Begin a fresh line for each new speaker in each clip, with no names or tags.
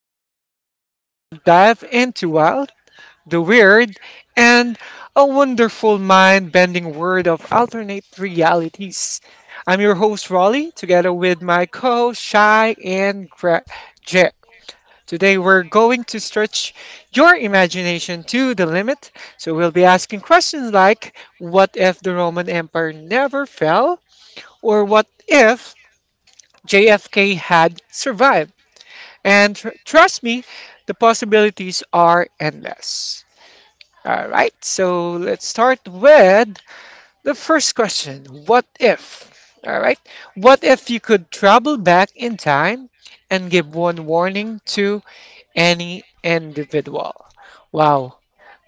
we were will dive into wild, the weird, and a wonderful mind-bending world of alternate realities. I'm your host Raleigh, together with my co-host Shai and Jet. Today we're going to stretch your imagination to the limit. So we'll be asking questions like, what if the Roman Empire never fell? Or what if JFK had survived. And trust me, the possibilities are endless. All right, so let's start with the first question. What if? All right, what if you could travel back in time and give one warning to any individual? Wow,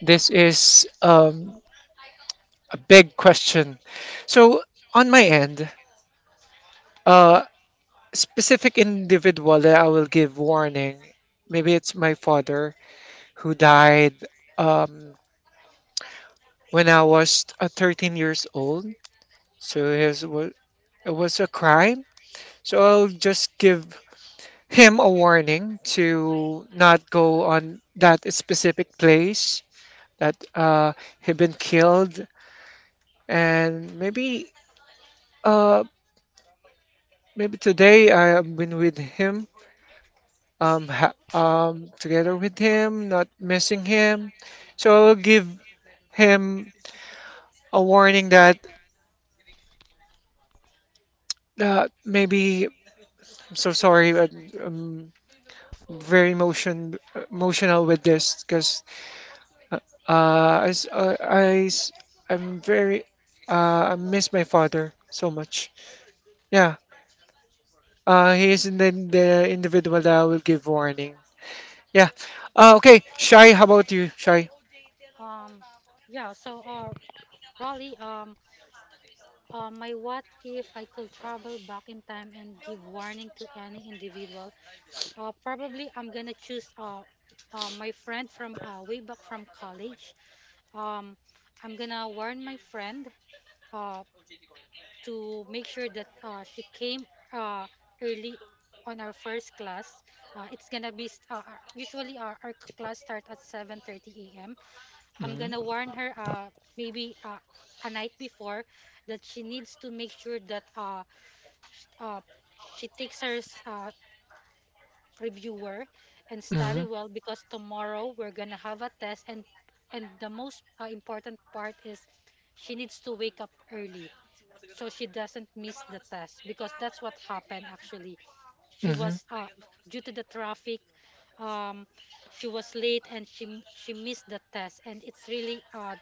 this is a big question. So, on my end, uh, specific individual that I will give warning. Maybe it's my father who died um, when I was 13 years old. So it was, it was a crime. So I'll just give him a warning to not go on that specific place that he been killed. And maybe uh, maybe today I have been with him together with him, not missing him. So I will give him a warning that maybe I'm so sorry, but I'm very emotional with this because uh, uh, I, s- uh, I s- I'm very I miss my father so much. Yeah, he is the individual that I will give warning. Yeah. Okay, Shai, how about you, Shai?
Time and give warning to any individual. Probably I'm gonna choose my friend from way back from college. Um, I'm gonna warn my friend uh, to make sure that she came uh, early on our first class. It's gonna be usually our class start at 7:30 a.m. I'm gonna
Mm-hmm.
warn her maybe a night before that she needs to make sure that sh- uh, she takes her reviewer and study
Mm-hmm.
well because tomorrow we're gonna have a test, and the most important part is she needs to wake up early so she doesn't miss the test because that's what happened actually. She
Mm-hmm.
was due to the traffic, um she was late and she missed the test, and it's really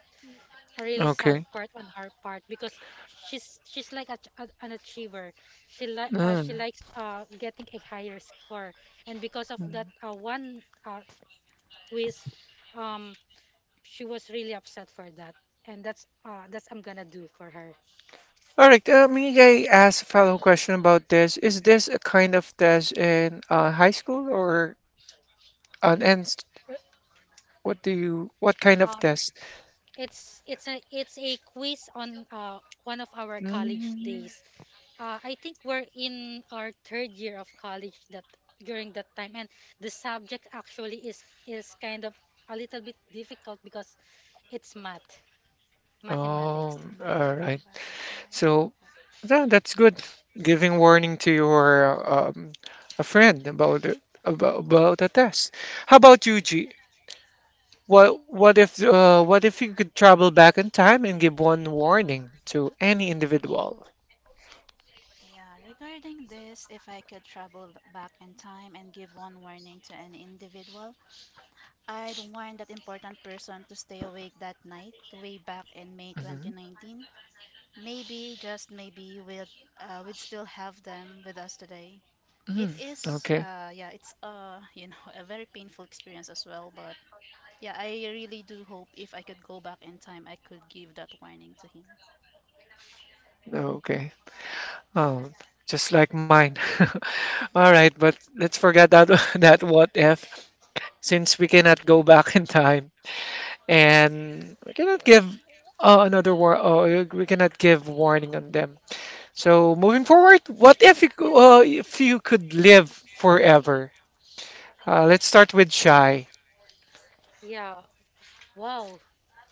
a really sad
Okay.
part on her part because she's like an achiever. She likes getting a higher score, and because of
All
that one quiz, um, she was really upset for that, and that's I'm gonna do for her.
right, may I ask a follow-up question about this? Is this a kind of test in high school or an and what do you what kind of
Um,
test?
it's a quiz on one of our college
Mm.
days. I think we're in our third year of college that during that time, and the subject actually is kind of a little bit difficult because it's math,
Oh,
mathematics.
If I
all
could go
right.
back in time,
So yeah, that's good. Giving warning to your a friend about it, about a test. How about you, G? What if you could travel back in time and give one warning to any individual?
yeah. Regarding this, if I could travel back in time and give one warning to an individual, I'd warn that important person to stay awake that night, way back in May
Mhm.
2019. Maybe, just maybe, we'd still have them with us today.
Mm. Okay.
Yeah, a very painful experience as well. But yeah, I really do hope if I could go back in time, I could give that warning to him.
Okay. Oh, just like mine. All right, but let's forget that that what if, since we cannot go back in time and we cannot give another war. We cannot give warning on them. So moving forward, what if if you could live forever? Let's start with Shy.
Yeah, wow,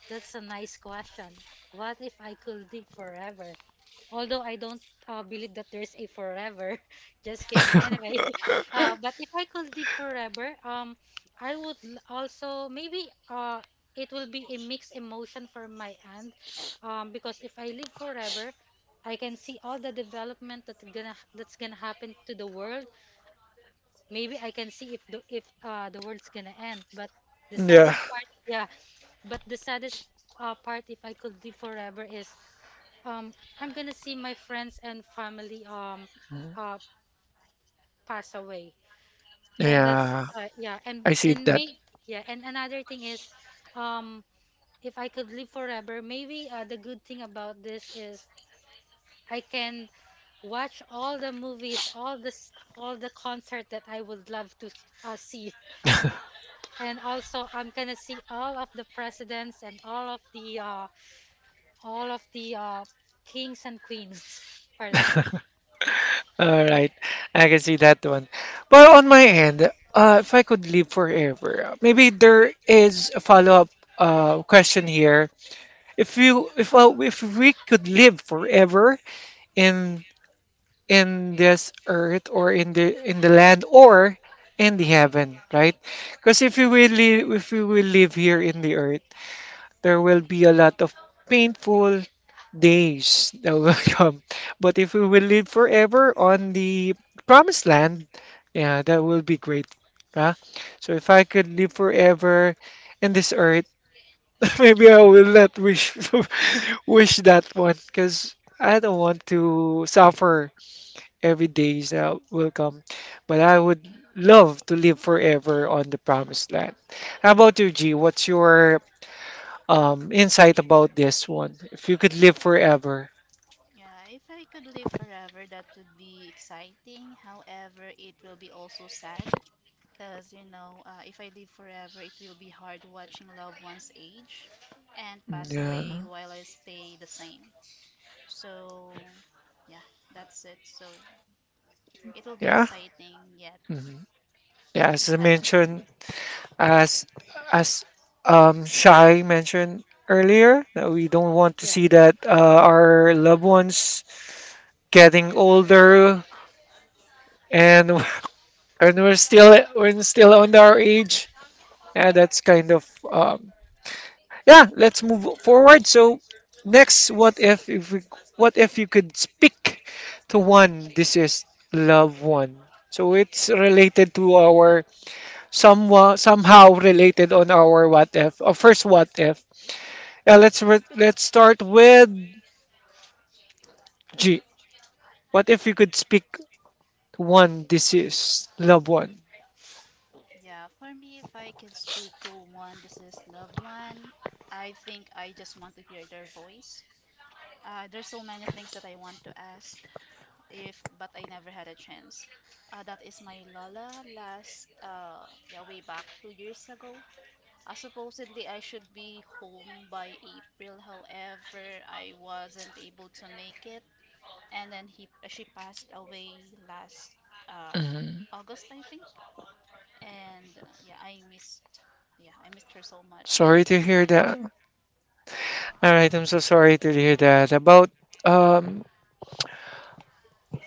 that's a nice question. What if I could live forever? Although I don't believe that there's a forever. Just kidding. Anyway, but if I could live forever, I would also maybe it will be a mixed emotion for my aunt, because if I live forever, I can see all the development that's gonna happen to the world. Maybe I can see if the world's gonna end. But the
Yeah.
saddest part, yeah, but the saddest part, if I could live forever, is, um, I'm gonna see my friends and family
Mhm.
uh pass away, and that's
Yeah,
yeah, and
I see
and
that.
may yeah, and another thing is, um if I could live forever, maybe the good thing about this is I can watch all the movies, all the concert that I would love to see, and also I'm gonna see all of the presidents and all of the kings and queens for that.
All right, I can see that one. But on my end, if I could live forever, maybe there is a follow-up question here. If you, if we could live forever in this earth or in the land or in the heaven, right? Because if we will live here in the earth, there will be a lot of painful days that will come. But if we will live forever on the promised land, yeah, that will be great. Huh? So if I could live forever in this earth, maybe I will not wish wish that one because I don't want to suffer every day that will come. But I would love to live forever on the promised land. How about you, G? What's your insight about this one. If you could live forever,
Yeah, if I could live forever, that would be exciting. However, it will be also sad because, you know, if I live forever, it will be hard watching loved ones age and pass away
yeah,
while I stay the same. So, yeah, that's it. So, it will be
yeah,
exciting yet
hmm yeah. As I
sad as well.
mentioned, as as Shai mentioned earlier, that we don't want to
Yeah.
see that our loved ones getting older and and we're still on our age. Yeah, that's kind of yeah let's move forward so next what if what if you could speak to one this is loved one so it's related to our somewhat somehow related on our what if first what if yeah let's start with G what if you could speak to one this is loved one.
Yeah, for me, if I could speak to one deceased loved one, I think I just want to hear their voice. There's so many things that I want to ask, if but I never had a chance. That is my Lola last yeah way back 2 years ago. Supposedly I should be home by April. However, I wasn't able to make it, and then he she passed away last uh
Mhm.
August I think. And yeah, I missed her so much.
Sorry to hear that. All right, I'm so sorry to hear that about um.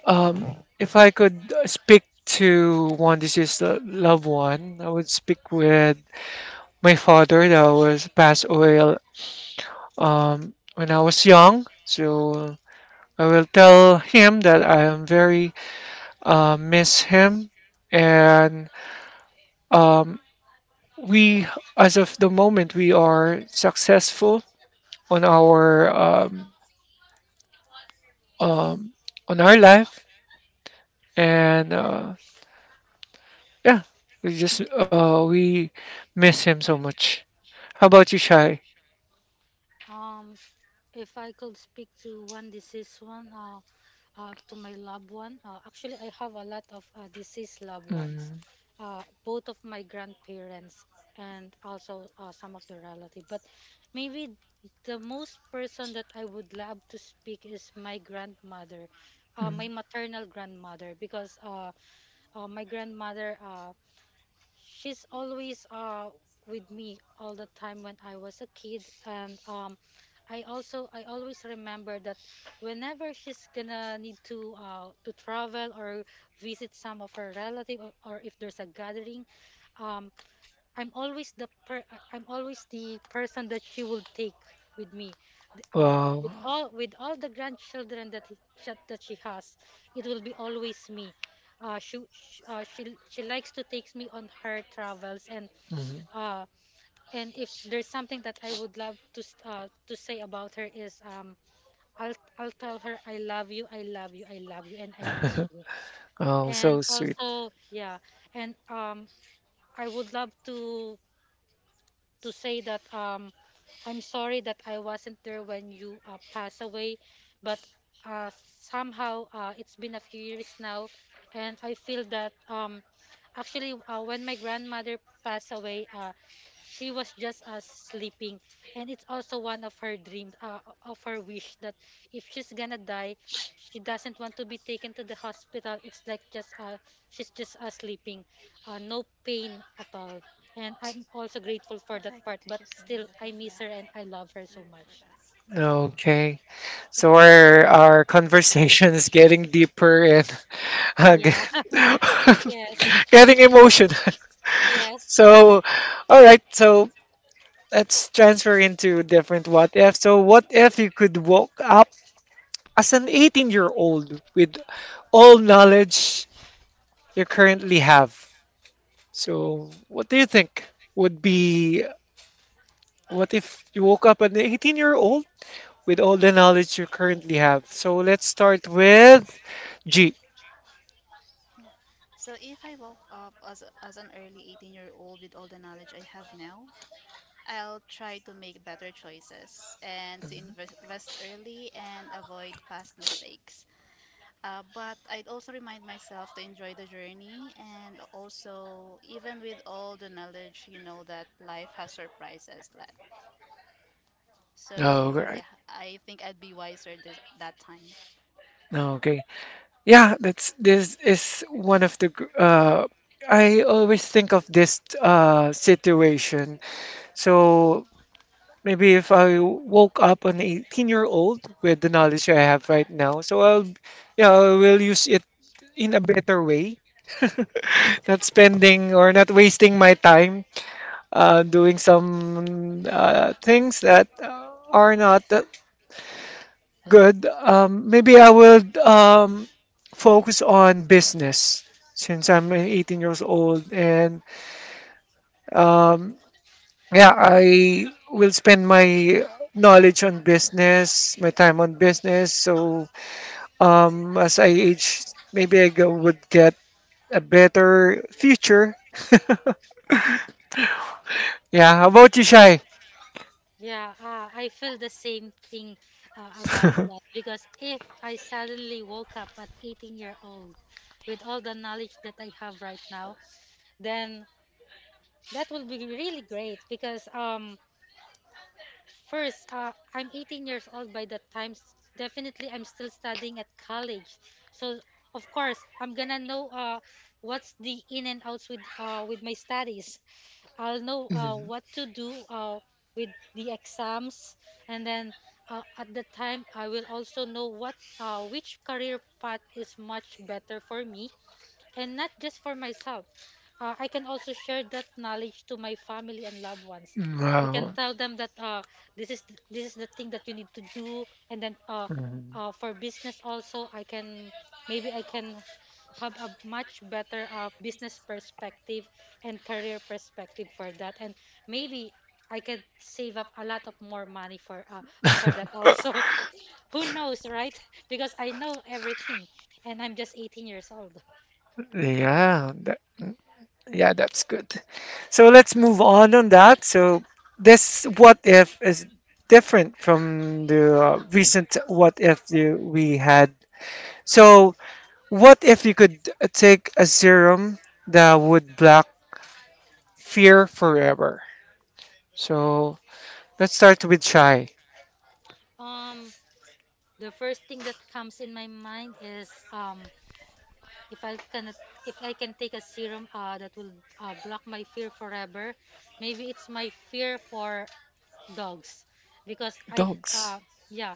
If I could speak to one deceased loved one, I would speak with my father that was passed away when I was young. So I will tell him that I am very miss him, and um, we, as of the moment, we are successful on our um, um, on our life, and yeah, we just we miss him so much. How about you, Shy?
Um, if I could speak to one deceased one, to my loved one, actually, I have a lot of deceased loved ones,
Mm,
both of my grandparents and also some of the relative. But maybe the most person that I would love to speak is my grandmother, my
mm.
maternal grandmother, because my grandmother. She's always with me all the time when I was a kid, and I always remember that whenever she's gonna need to travel or visit some of her relative, or if there's a gathering, um I'm always the person that she will take with me. Ah,
Wow.
with all the grandchildren that that she has, it will be always me. She likes to takes me on her travels,
Mm.
uh and if there's something that I would love to say about her is, I'll tell her I love you, I love you, I love you, and I miss you.
Oh,
And
so sweet.
also yeah, and I would love to say that, I'm sorry that I wasn't there when you passed away, but uh, somehow it's been a few years now, and I feel that, actually when my grandmother passed away, she was just sleeping, and it's also one of her dreams, of her wish, that if she's gonna die, she doesn't want to be taken to the hospital. It's like, just she's just sleeping, no pain at all, and I'm also grateful for
If I
that
could
part,
take a
but
serum
still,
that was
I miss her
left
and I love her
here
so
for
much.
Okay. So our conversation is getting deeper and uh,
Yeah.
us.
get-
Yes.
getting emotional.
Yes.
So, all right. So let's transfer into different what if. So what if you could woke up as an 18-year-old with all knowledge you currently have? So what do you think would be. What if you woke up an 18-year-old with all the knowledge you currently have? So let's start with G.
Yeah. So if I woke up as as an early 18-year-old with all the knowledge I have now, I'll try to make better choices and to invest early and avoid past mistakes. But I'd also remind myself to enjoy the journey and also even with all the knowledge, you know that life has surprises left.
Oh,
So yeah,
right.
I think I'd be wiser this that time.
No, okay. Yeah, that's this is one of the I always think of this situation. So maybe if I woke up an 18-year-old with the knowledge I have right now, so I will use it in a better way, not spending or not wasting my time doing some things that are not that good, maybe I would focus on business since I'm 18 years old. And um, yeah, I will spend my knowledge on business, my time on business. So as I age, maybe would get a better future. Yeah, how about you, Shai?
Yeah. I feel the same thing about that because if I suddenly woke up at 18-year-old with all the knowledge that I have right now, then that would be really great because, first, I'm 18 years old by that time. Definitely, I'm still studying at college. So, of course, I'm gonna know what's the in and outs with my studies. I'll know what to do with the exams, and then at the time, I will also know what which career path is much better for me, and not just for myself. I can also share that knowledge to my family and loved ones. I can
Mm,
tell them that, this is the thing that you need to do, and then
wow.
for business also, I can maybe I can have a much better business perspective and career perspective for that, and maybe I could save up a lot of more money for that also. Who knows, right? Because I know everything, and I'm just 18 years old.
Yeah, that, yeah, that's good. So let's move on that. So this what if is different from the recent what if we had. So what if you could take a serum that would block fear forever? So let's start with Shy.
Um, The first thing that comes in my mind is, if I can if I can take a serum that will block my fear forever, maybe it's my fear for dogs, because I,
Dogs.
yeah,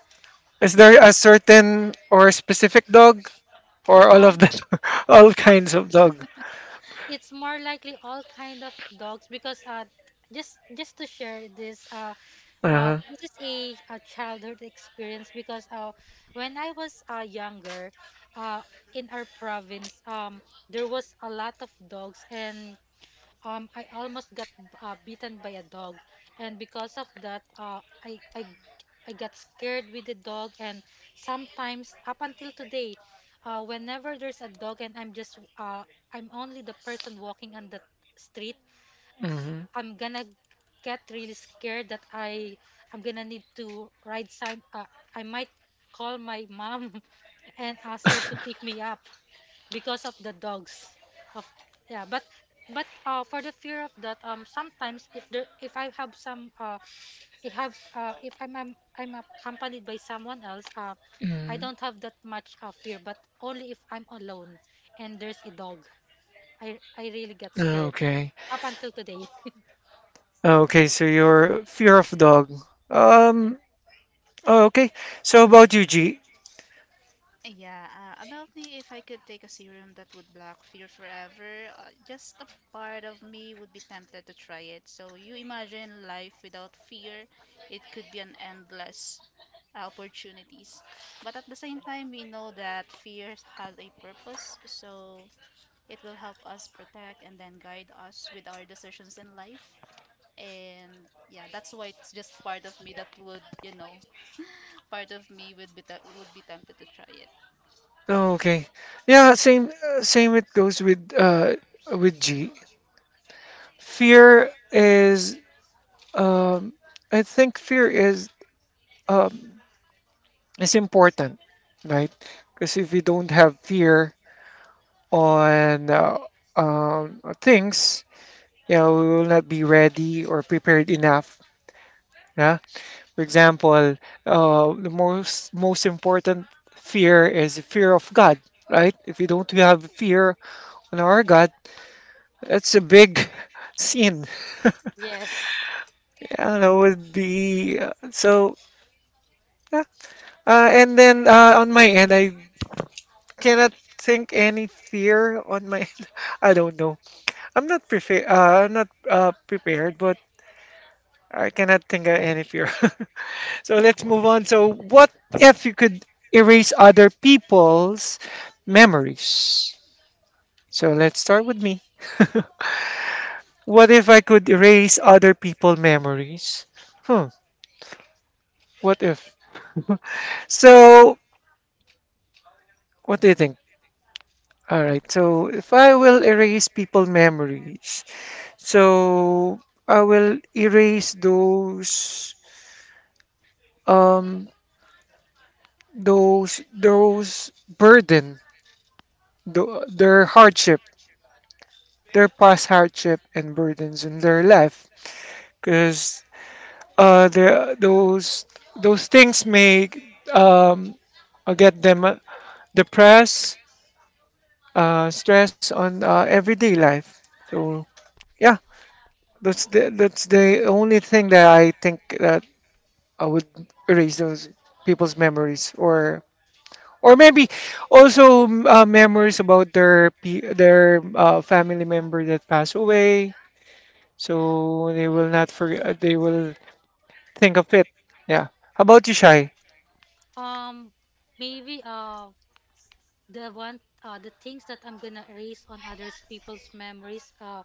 Is
it's
there a
just
certain or specific dog or all of
um
that, all kinds of
actually,
dog.
it's more likely all kind of dogs because just to share this,
Uh,
this is a childhood experience because when I was younger, uh, in our province, there was a lot of dogs, and I almost got bitten by a dog, and because of that, I got scared with the dog, and sometimes up until today, whenever there's a dog and I'm only the person walking on the street,
mm-hmm.
I'm gonna get really scared that I'm gonna need to ride some, I might call my mom and ask her to pick me up because of the dogs. Of Yeah, but for the fear of that, sometimes if I have some I have if I'm I'm accompanied by someone else, I
Mm,
don't have that much fear, but only if I'm alone and there's a dog, I really get scared
okay.
up until today.
Okay, so your fear of dog.
Yeah.
Um, oh, okay. So about you, G.
Yeah, about me, if I could take a serum that would block fear forever, just a part of me would be tempted to try it. So you imagine life without fear, it could be an endless opportunities. But at the same time, we know that fear has a purpose, so it will help us protect and then guide us with our decisions in life. And yeah, that's why it's just part of me that would, you know, part of me would be would be tempted to try
Oh, okay. Yeah, same it goes with G. Fear is um I think fear um is important, right? Because if you don't have fear on things, you know, we will not be ready or prepared enough. Yeah? For example, the most important fear is the fear of God, right? If we don't have fear on our God, that's a big sin.
Yes.
And it would be so. Yeah. And then on my end, I cannot think any fear on my. I don't know. I'm not prepared. I'm not prepared, but I cannot think of any fear. So let's move on. So, what if you could erase other people's memories? So, let's start with me. What if I could erase other people's memories? Hmm, what if? So, what do you think? All right, so if I will erase people memories, so I will erase um those burden, their hardship their past hardship and burdens in their life because uh, the, those those things may um, get them depressed, stress on everyday life. So yeah, that's the only thing that I think that I would erase those people's memories or. Or maybe also memories about their family member that passed away, so they will not forget. They will think of it. Yeah. How about you, Shy?
Um, Maybe the one the things that I'm gonna erase on others people's memories.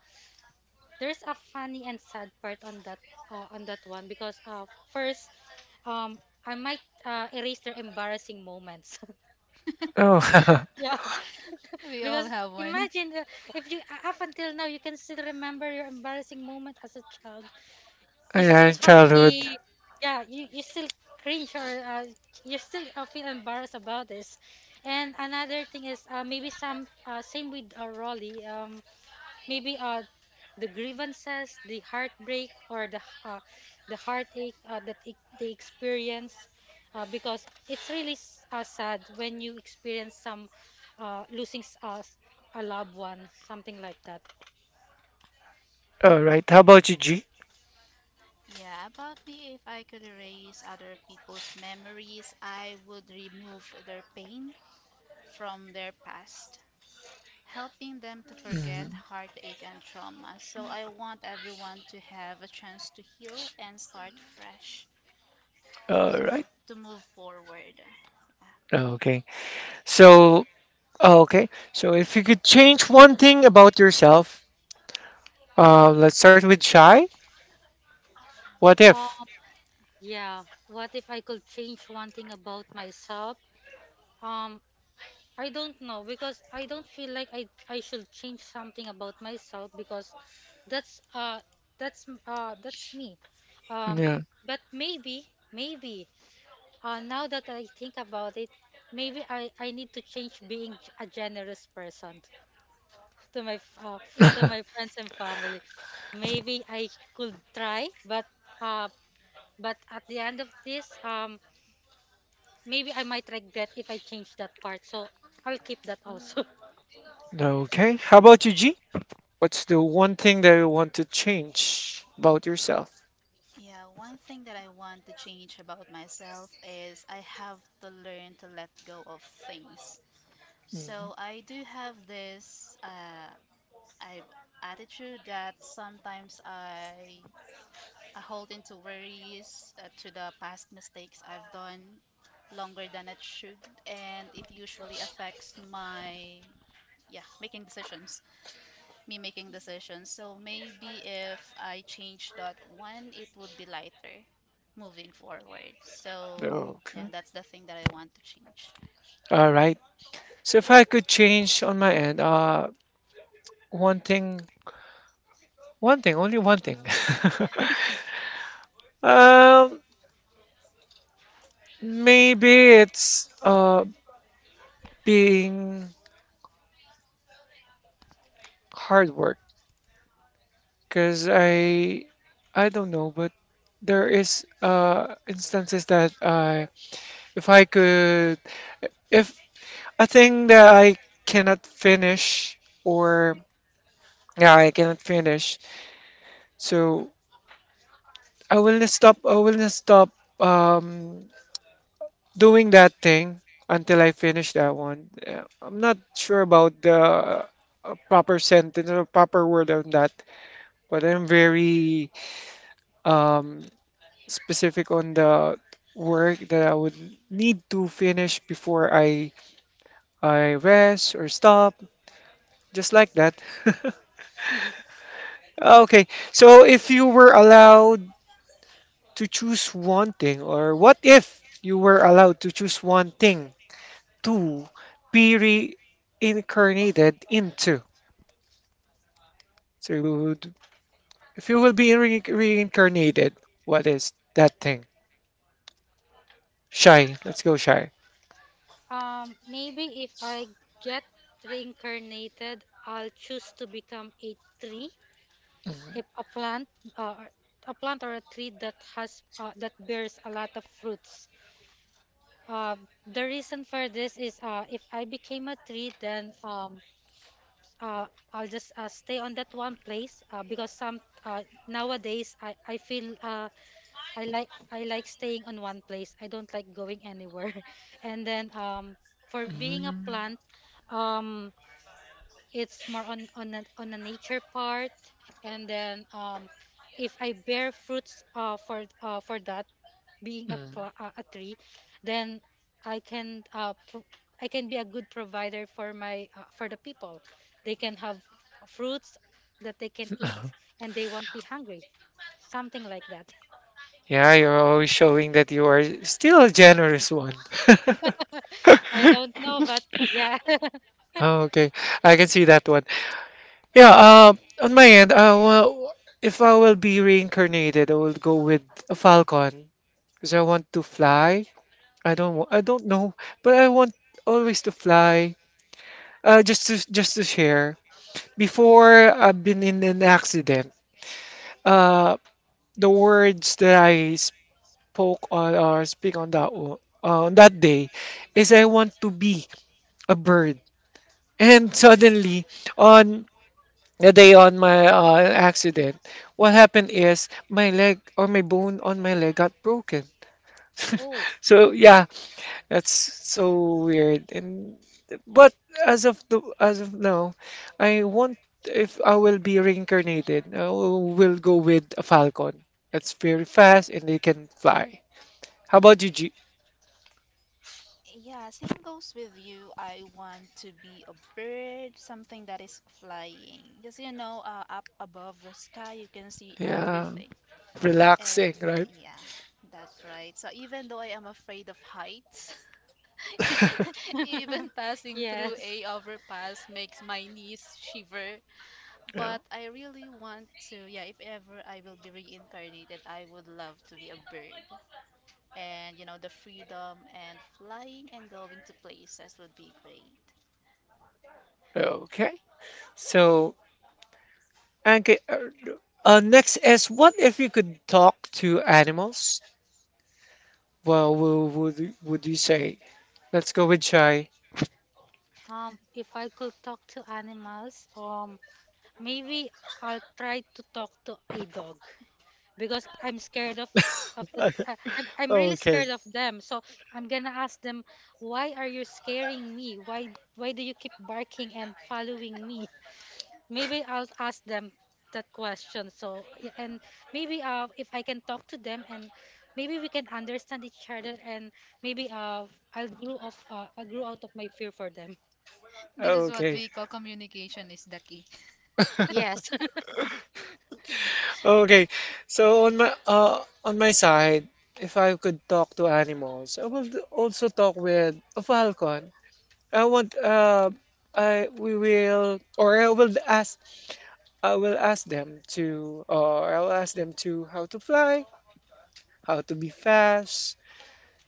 There's a funny and sad part on that, on that one, because first, um I might erase their embarrassing moments.
Oh,
Yeah.
We all
Because
have one.
imagine, if you, up until now, you can still remember your embarrassing moment as a child. You
yeah,
still have a
childhood.
Yeah, you still cringe, or you still feel embarrassed about this. And another thing is, maybe some same with Rolly, maybe the grievances, the heartbreak or the heartache that they experience, because it's really sad when you experience some, losing a loved one, something like that.
All right. How about you, G?
Yeah, about me, if I could erase other people's memories, I would remove their pain from their past, helping them to forget
Mm,
heartache and trauma. So I want everyone to have a chance to heal and start fresh.
all
So
right.
to move forward.
Okay. So, oh, okay. So, if you could change one thing about yourself, let's start with Shy. What if?
Um, Yeah, what if I could change one thing about myself? Um, I don't know because I don't feel like I should change something about myself because that's uh that's me. Um,
Yeah.
but maybe, now that I think about it, maybe I need to change being a generous person, to my f- uh, to my friends and family. Maybe I could try, uh but at the end of this. Maybe I might regret if I change that part, so I'll keep that also.
Okay. How about you, G? What's the one thing that you want to change about yourself?
Yeah, one thing that I want to change about myself is I have to learn to let go of things. So
Mhm.
I do have this I've attitude that sometimes I hold into worries to the past mistakes I've done longer than it should, and it usually affects my yeah making decisions, me making decisions. So maybe if I change that one, it would be lighter moving forward. So yeah,
Okay.
that's the thing that I want to change.
All right. So if I could change on my end, one thing one thing, only one thing. Um, maybe it's being hard work because I don't know, but there is instances that I if I could if a thing that I cannot finish or yeah I cannot finish, so I will not stop um doing that thing until I finish that one. I'm not sure about the proper sentence or proper word on that, but I'm very um, specific on the work that I would need to finish before I rest or stop, just like that. Okay, so if you were allowed to choose one thing, or what if you were allowed to choose one thing to be reincarnated into. So you if you will be reincarnated, what is that thing? Shy. Let's go Shy.
Maybe if I get reincarnated, I'll choose to become a tree,
Mm,
a plant, uh, or- a plant or a tree that has, that bears a lot of fruits. Uh, the reason for this is, if I became a tree, then, uh, I'll just stay on that one place, because some nowadays I feel, I like staying on one place. I don't like going anywhere. And then, for being a
mm,
plant, um it's more on on a nature part. And then, if I bear fruits, for that being
mm.
a tree, then I can uh pro- I can be a good provider for my, for the people. They can have fruits that they can eat, and they won't be hungry. Something like that.
Yeah, you're always showing that you are still a generous one.
I don't know, but yeah.
Oh, okay, I can see that one. Yeah, on my end, well, if I will be reincarnated, I will go with a falcon because I want to fly I don't know, but I want always to fly. Just to share. Before I've been in an accident, uh, the words that I spoke on or speak on on that day is I want to be a bird. And suddenly on the day on my accident, what happened is my leg or my bone on my leg got broken.
Oh,
So yeah, that's so weird. And but as of now, I want if I will be reincarnated, I will go with a falcon. That's very fast and they can fly. How about you, G?
Yeah, same goes with you. I want to be a bird, something that is flying. Because you know, up above the sky, you can see
Yeah,
everything. Uh,
relaxing, right?
yeah, that's right. So even though I am afraid of heights, even passing through a
Yes.
overpass makes my knees shiver. But
Yeah.
I really want to, yeah, if ever I will be reincarnated, I would love to be a bird and you know the freedom and flying and going to places would be great.
Okay. So, okay. Next is what if you could talk to animals? Well, would you say? Let's go with Chai.
If I could talk to animals, maybe I'll try to talk to a dog because I'm scared of the I, I'm really
Okay.
scared of them. So I'm gonna ask them, why are you scaring me? Why do you keep barking and following me? Maybe I'll ask them that question. So, yeah, and maybe if I can talk to them and maybe we can understand each other, and maybe I'll grow out of my fear for them.
This is what we
Okay.
call communication is the key.
Yes.
Okay, so on my side, if I could talk to animals, I will also talk with a falcon. I want I we will or I will ask I will ask them to or I will ask them to how to fly, how to be fast.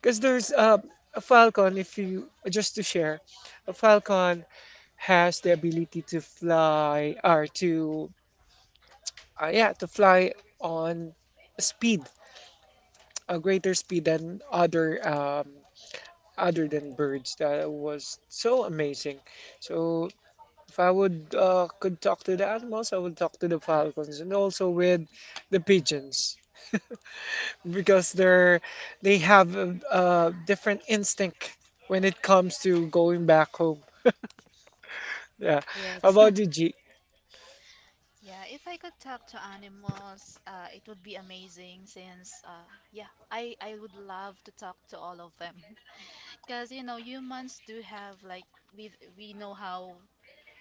Because there's a falcon. If you just to share, a falcon has the ability to fly or to yeah to fly on speed a greater speed than other than birds. That was so amazing. So if I would could talk to the animals, I would talk to the falcons and also with the pigeons because they have a different instinct when it comes to going back home. Yeah. How
Yes.
about you, G?
Yeah, if I could talk to animals, it would be amazing since, yeah, I would love to talk to all of them. Because, you know, humans do have, like, we we know how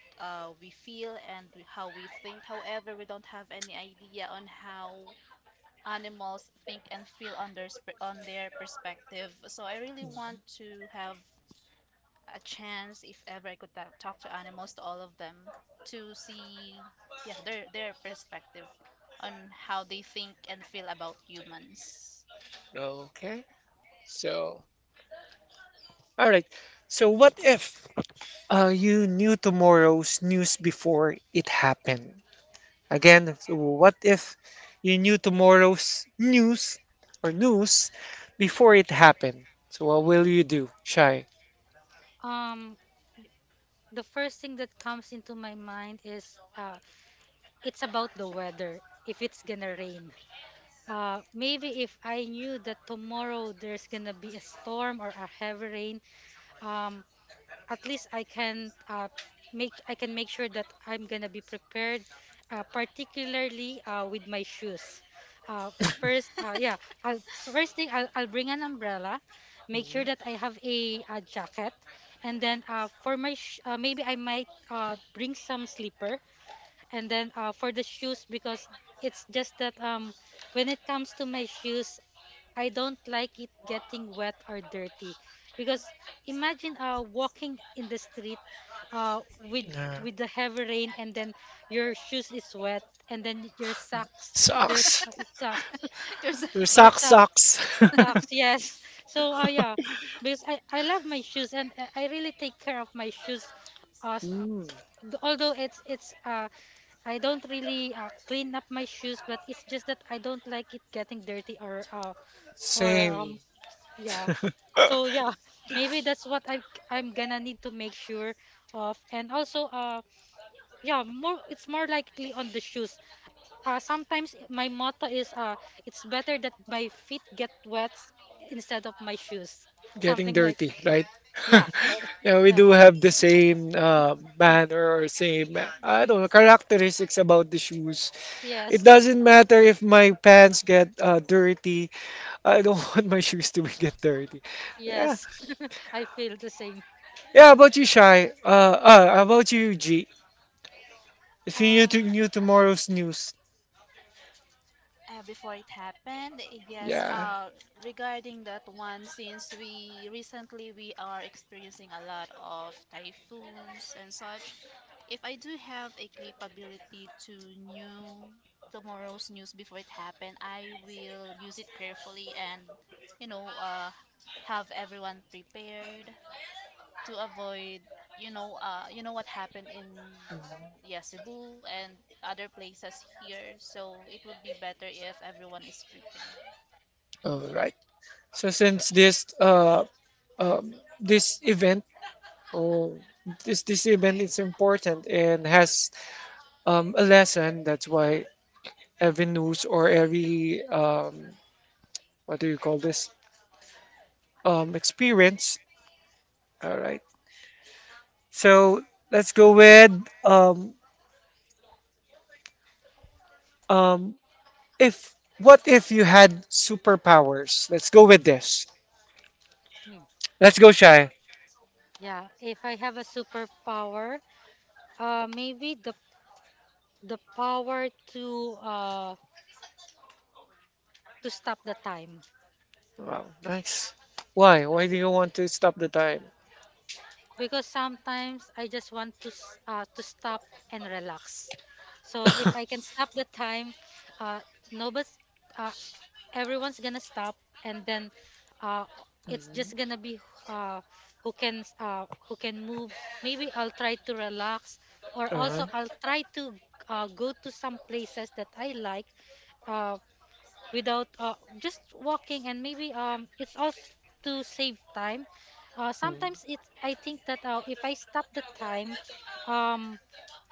we feel and how we think. However, we don't have any idea on how animals think and feel on their on their perspective. So I really want to have a chance if ever I could talk to animals to all of them to see yeah their perspective on how they think and feel about humans.
Okay. So, all right. So what if you knew tomorrow's news before it happened? Again, so what if you knew tomorrow's news before it happened? So what will you do, Shy?
Um, the first thing that comes into my mind is it's about the weather. If it's gonna rain, maybe if I knew that tomorrow there's gonna be a storm or a heavy rain, um, at least I can make I can make sure that I'm gonna be prepared, particularly with my shoes. Uh, yeah, I'll, first thing I'll bring an umbrella, make sure that I have a jacket, and then for my maybe I might bring some slipper, and then for the shoes. Because it's just that when it comes to my shoes, I don't like it getting wet or dirty, because imagine walking in the street with
Yeah.
the heavy rain, and then your shoes is wet, and then your socks,
Sucks.
your sock,
You're
Your
your
sock
success.
sock,
sucks.
socks, yes. So yeah, because I love my shoes, and I really take care of my shoes. uh, s- uh,
Mm,
Although it's I don't really clean up my shoes, but it's just that I don't like it getting dirty. Or
same.
Yeah. So yeah, maybe that's what I I'm gonna need to make sure of. And also yeah, more it's more likely on the shoes. Sometimes my motto is it's better that my feet get wet instead of my shoes.
Getting
Something like
dirty, right?
yeah, that-
Yeah, we
yeah.
do have the same manner or same, I don't know, characteristics about the shoes. It
Yes.
doesn't matter if my pants get dirty. I don't want my shoes to get dirty. Yeah,
Yes. I feel the same.
yeah. How about you, Shy. How about you, G. If you
Uh,
knew tomorrow's news.
Before it happened yes
Yeah.
regarding that one since we recently we are experiencing a lot of typhoons and such if I do have a capability to knew tomorrow's news before it happened I will use it carefully and you know have everyone prepared to avoid you know what happened in yeah, Cebu and other places here. So it would be better if everyone is prepared.
All right. So since um this event oh this this event is important and has a lesson. That's why every news or every what do you call this, experience. All right. So let's go with um um if what if you had superpowers? Let's go with this.
Mm.
Let's go, Shy.
Yeah, if I have a superpower, maybe the power to stop the time.
Wow, nice. Why? Why do you want to stop the time?
Because sometimes I just want to to stop and relax. So if I can stop the time, uh, nobody's uh, everyone's gonna stop, and then uh, it's
Mhm.
just gonna be uh, who can move. Maybe I'll try to relax, or also
Alright.
I'll try to go to some places that I like. uh, Without just walking, and maybe it's also to save time. Sometimes
Mm.
it's I think that if I stop the time, um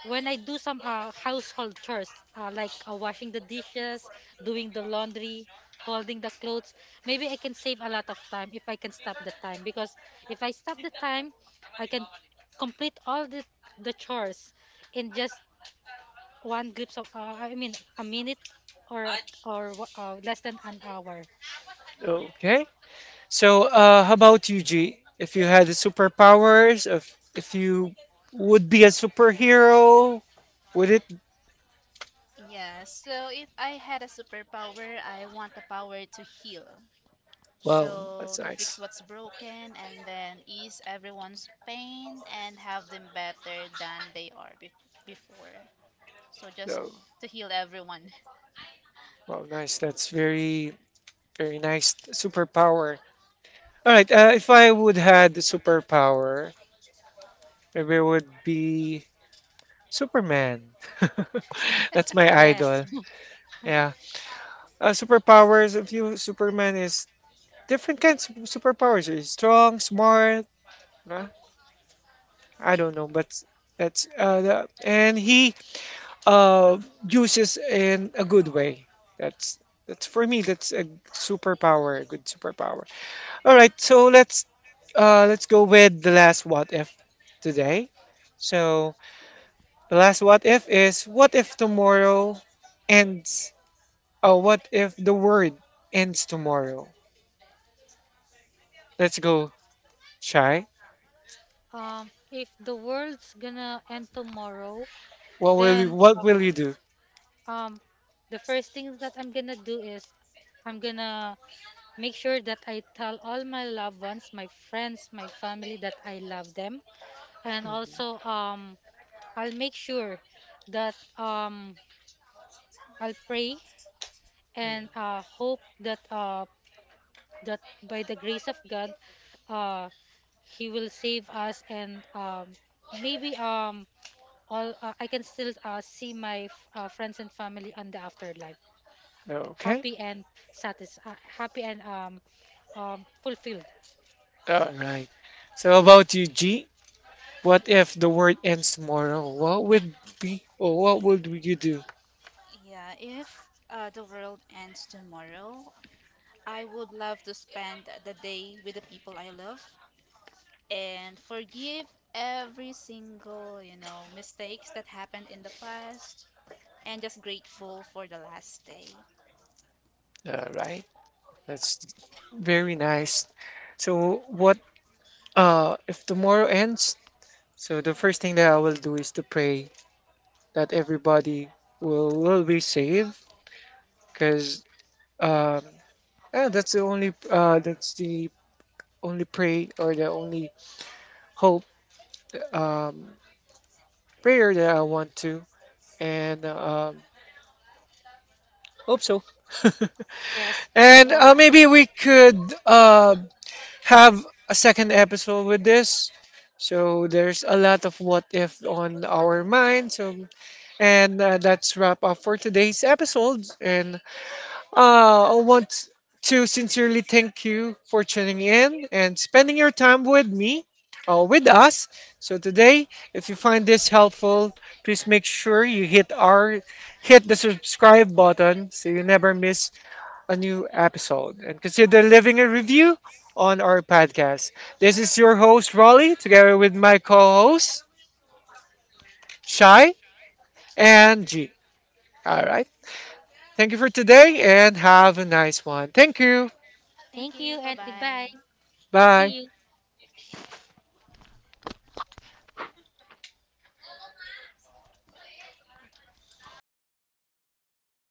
when I do some household chores, like washing the dishes, doing the laundry, holding the clothes, maybe I can save a lot of time if I can stop the time, because if I stop the time, I can complete all the chores in just one glimpse of I mean a minute, or less than an hour.
Oh, okay. So, how about you, G? If you had superpowers, if you would be a superhero, would it?
Yeah, so if I had a superpower, I want the power to heal.
Wow,
So to
that's
fix what's
nice.
broken and then ease everyone's pain and have them better than they are before. So just
Oh,
to heal everyone.
wow, nice. That's very nice superpower. All right. If I would had the superpower, maybe it would be Superman. That's my
Yes.
idol. Yeah. Superpowers of you. Superman is different kinds of superpowers. He's strong, smart. Uh, I don't know, but that's the, and he uh uses in a good way. That's that's for me. That's a superpower, a good superpower. All right, so let's go with the last what if today. So. The last what if is what if tomorrow ends? What if the world ends tomorrow? Let's go, Chai.
If the world's gonna end tomorrow,
What will you,
then
what will you do?
um, the first thing that I'm gonna do is I'm gonna make sure that I tell all my loved ones, my friends, my family that I love them. And also I'll make sure that I'll pray and hope that that by the grace of God, uh, He will save us. And maybe all I can still see my friends and family on the afterlife,
Okay.
happy and happy and fulfilled.
All right. So about you, G. What if the world ends tomorrow? What would be or what would you do?
Yeah, if the world ends tomorrow, I would love to spend the day with the people I love and forgive every single, you know, mistakes that happened in the past and just grateful for the last day.
All right. That's very nice. So what, uh, if tomorrow ends? So the first thing that I will do is to pray that everybody will be saved because um yeah, that's the only pray or the only hope, um prayer that I want to and hope so.
Yes, we
And
all hope.
maybe we could uh have a second episode with this, so there's a lot of what if on our mind. So and that's wrap up for today's episode. And uh, I want to sincerely thank you for tuning in and spending your time with me, with us. So today, if you find this helpful, please make sure you hit the subscribe button so you never miss a new episode and consider leaving a review on our podcast. This is your host Raleigh, together with my co-hosts Shai and G. All right. Thank you for today and have a nice one. Thank you.
Thank you.
Thank you and
Bye-bye.
goodbye.
Bye.
See you.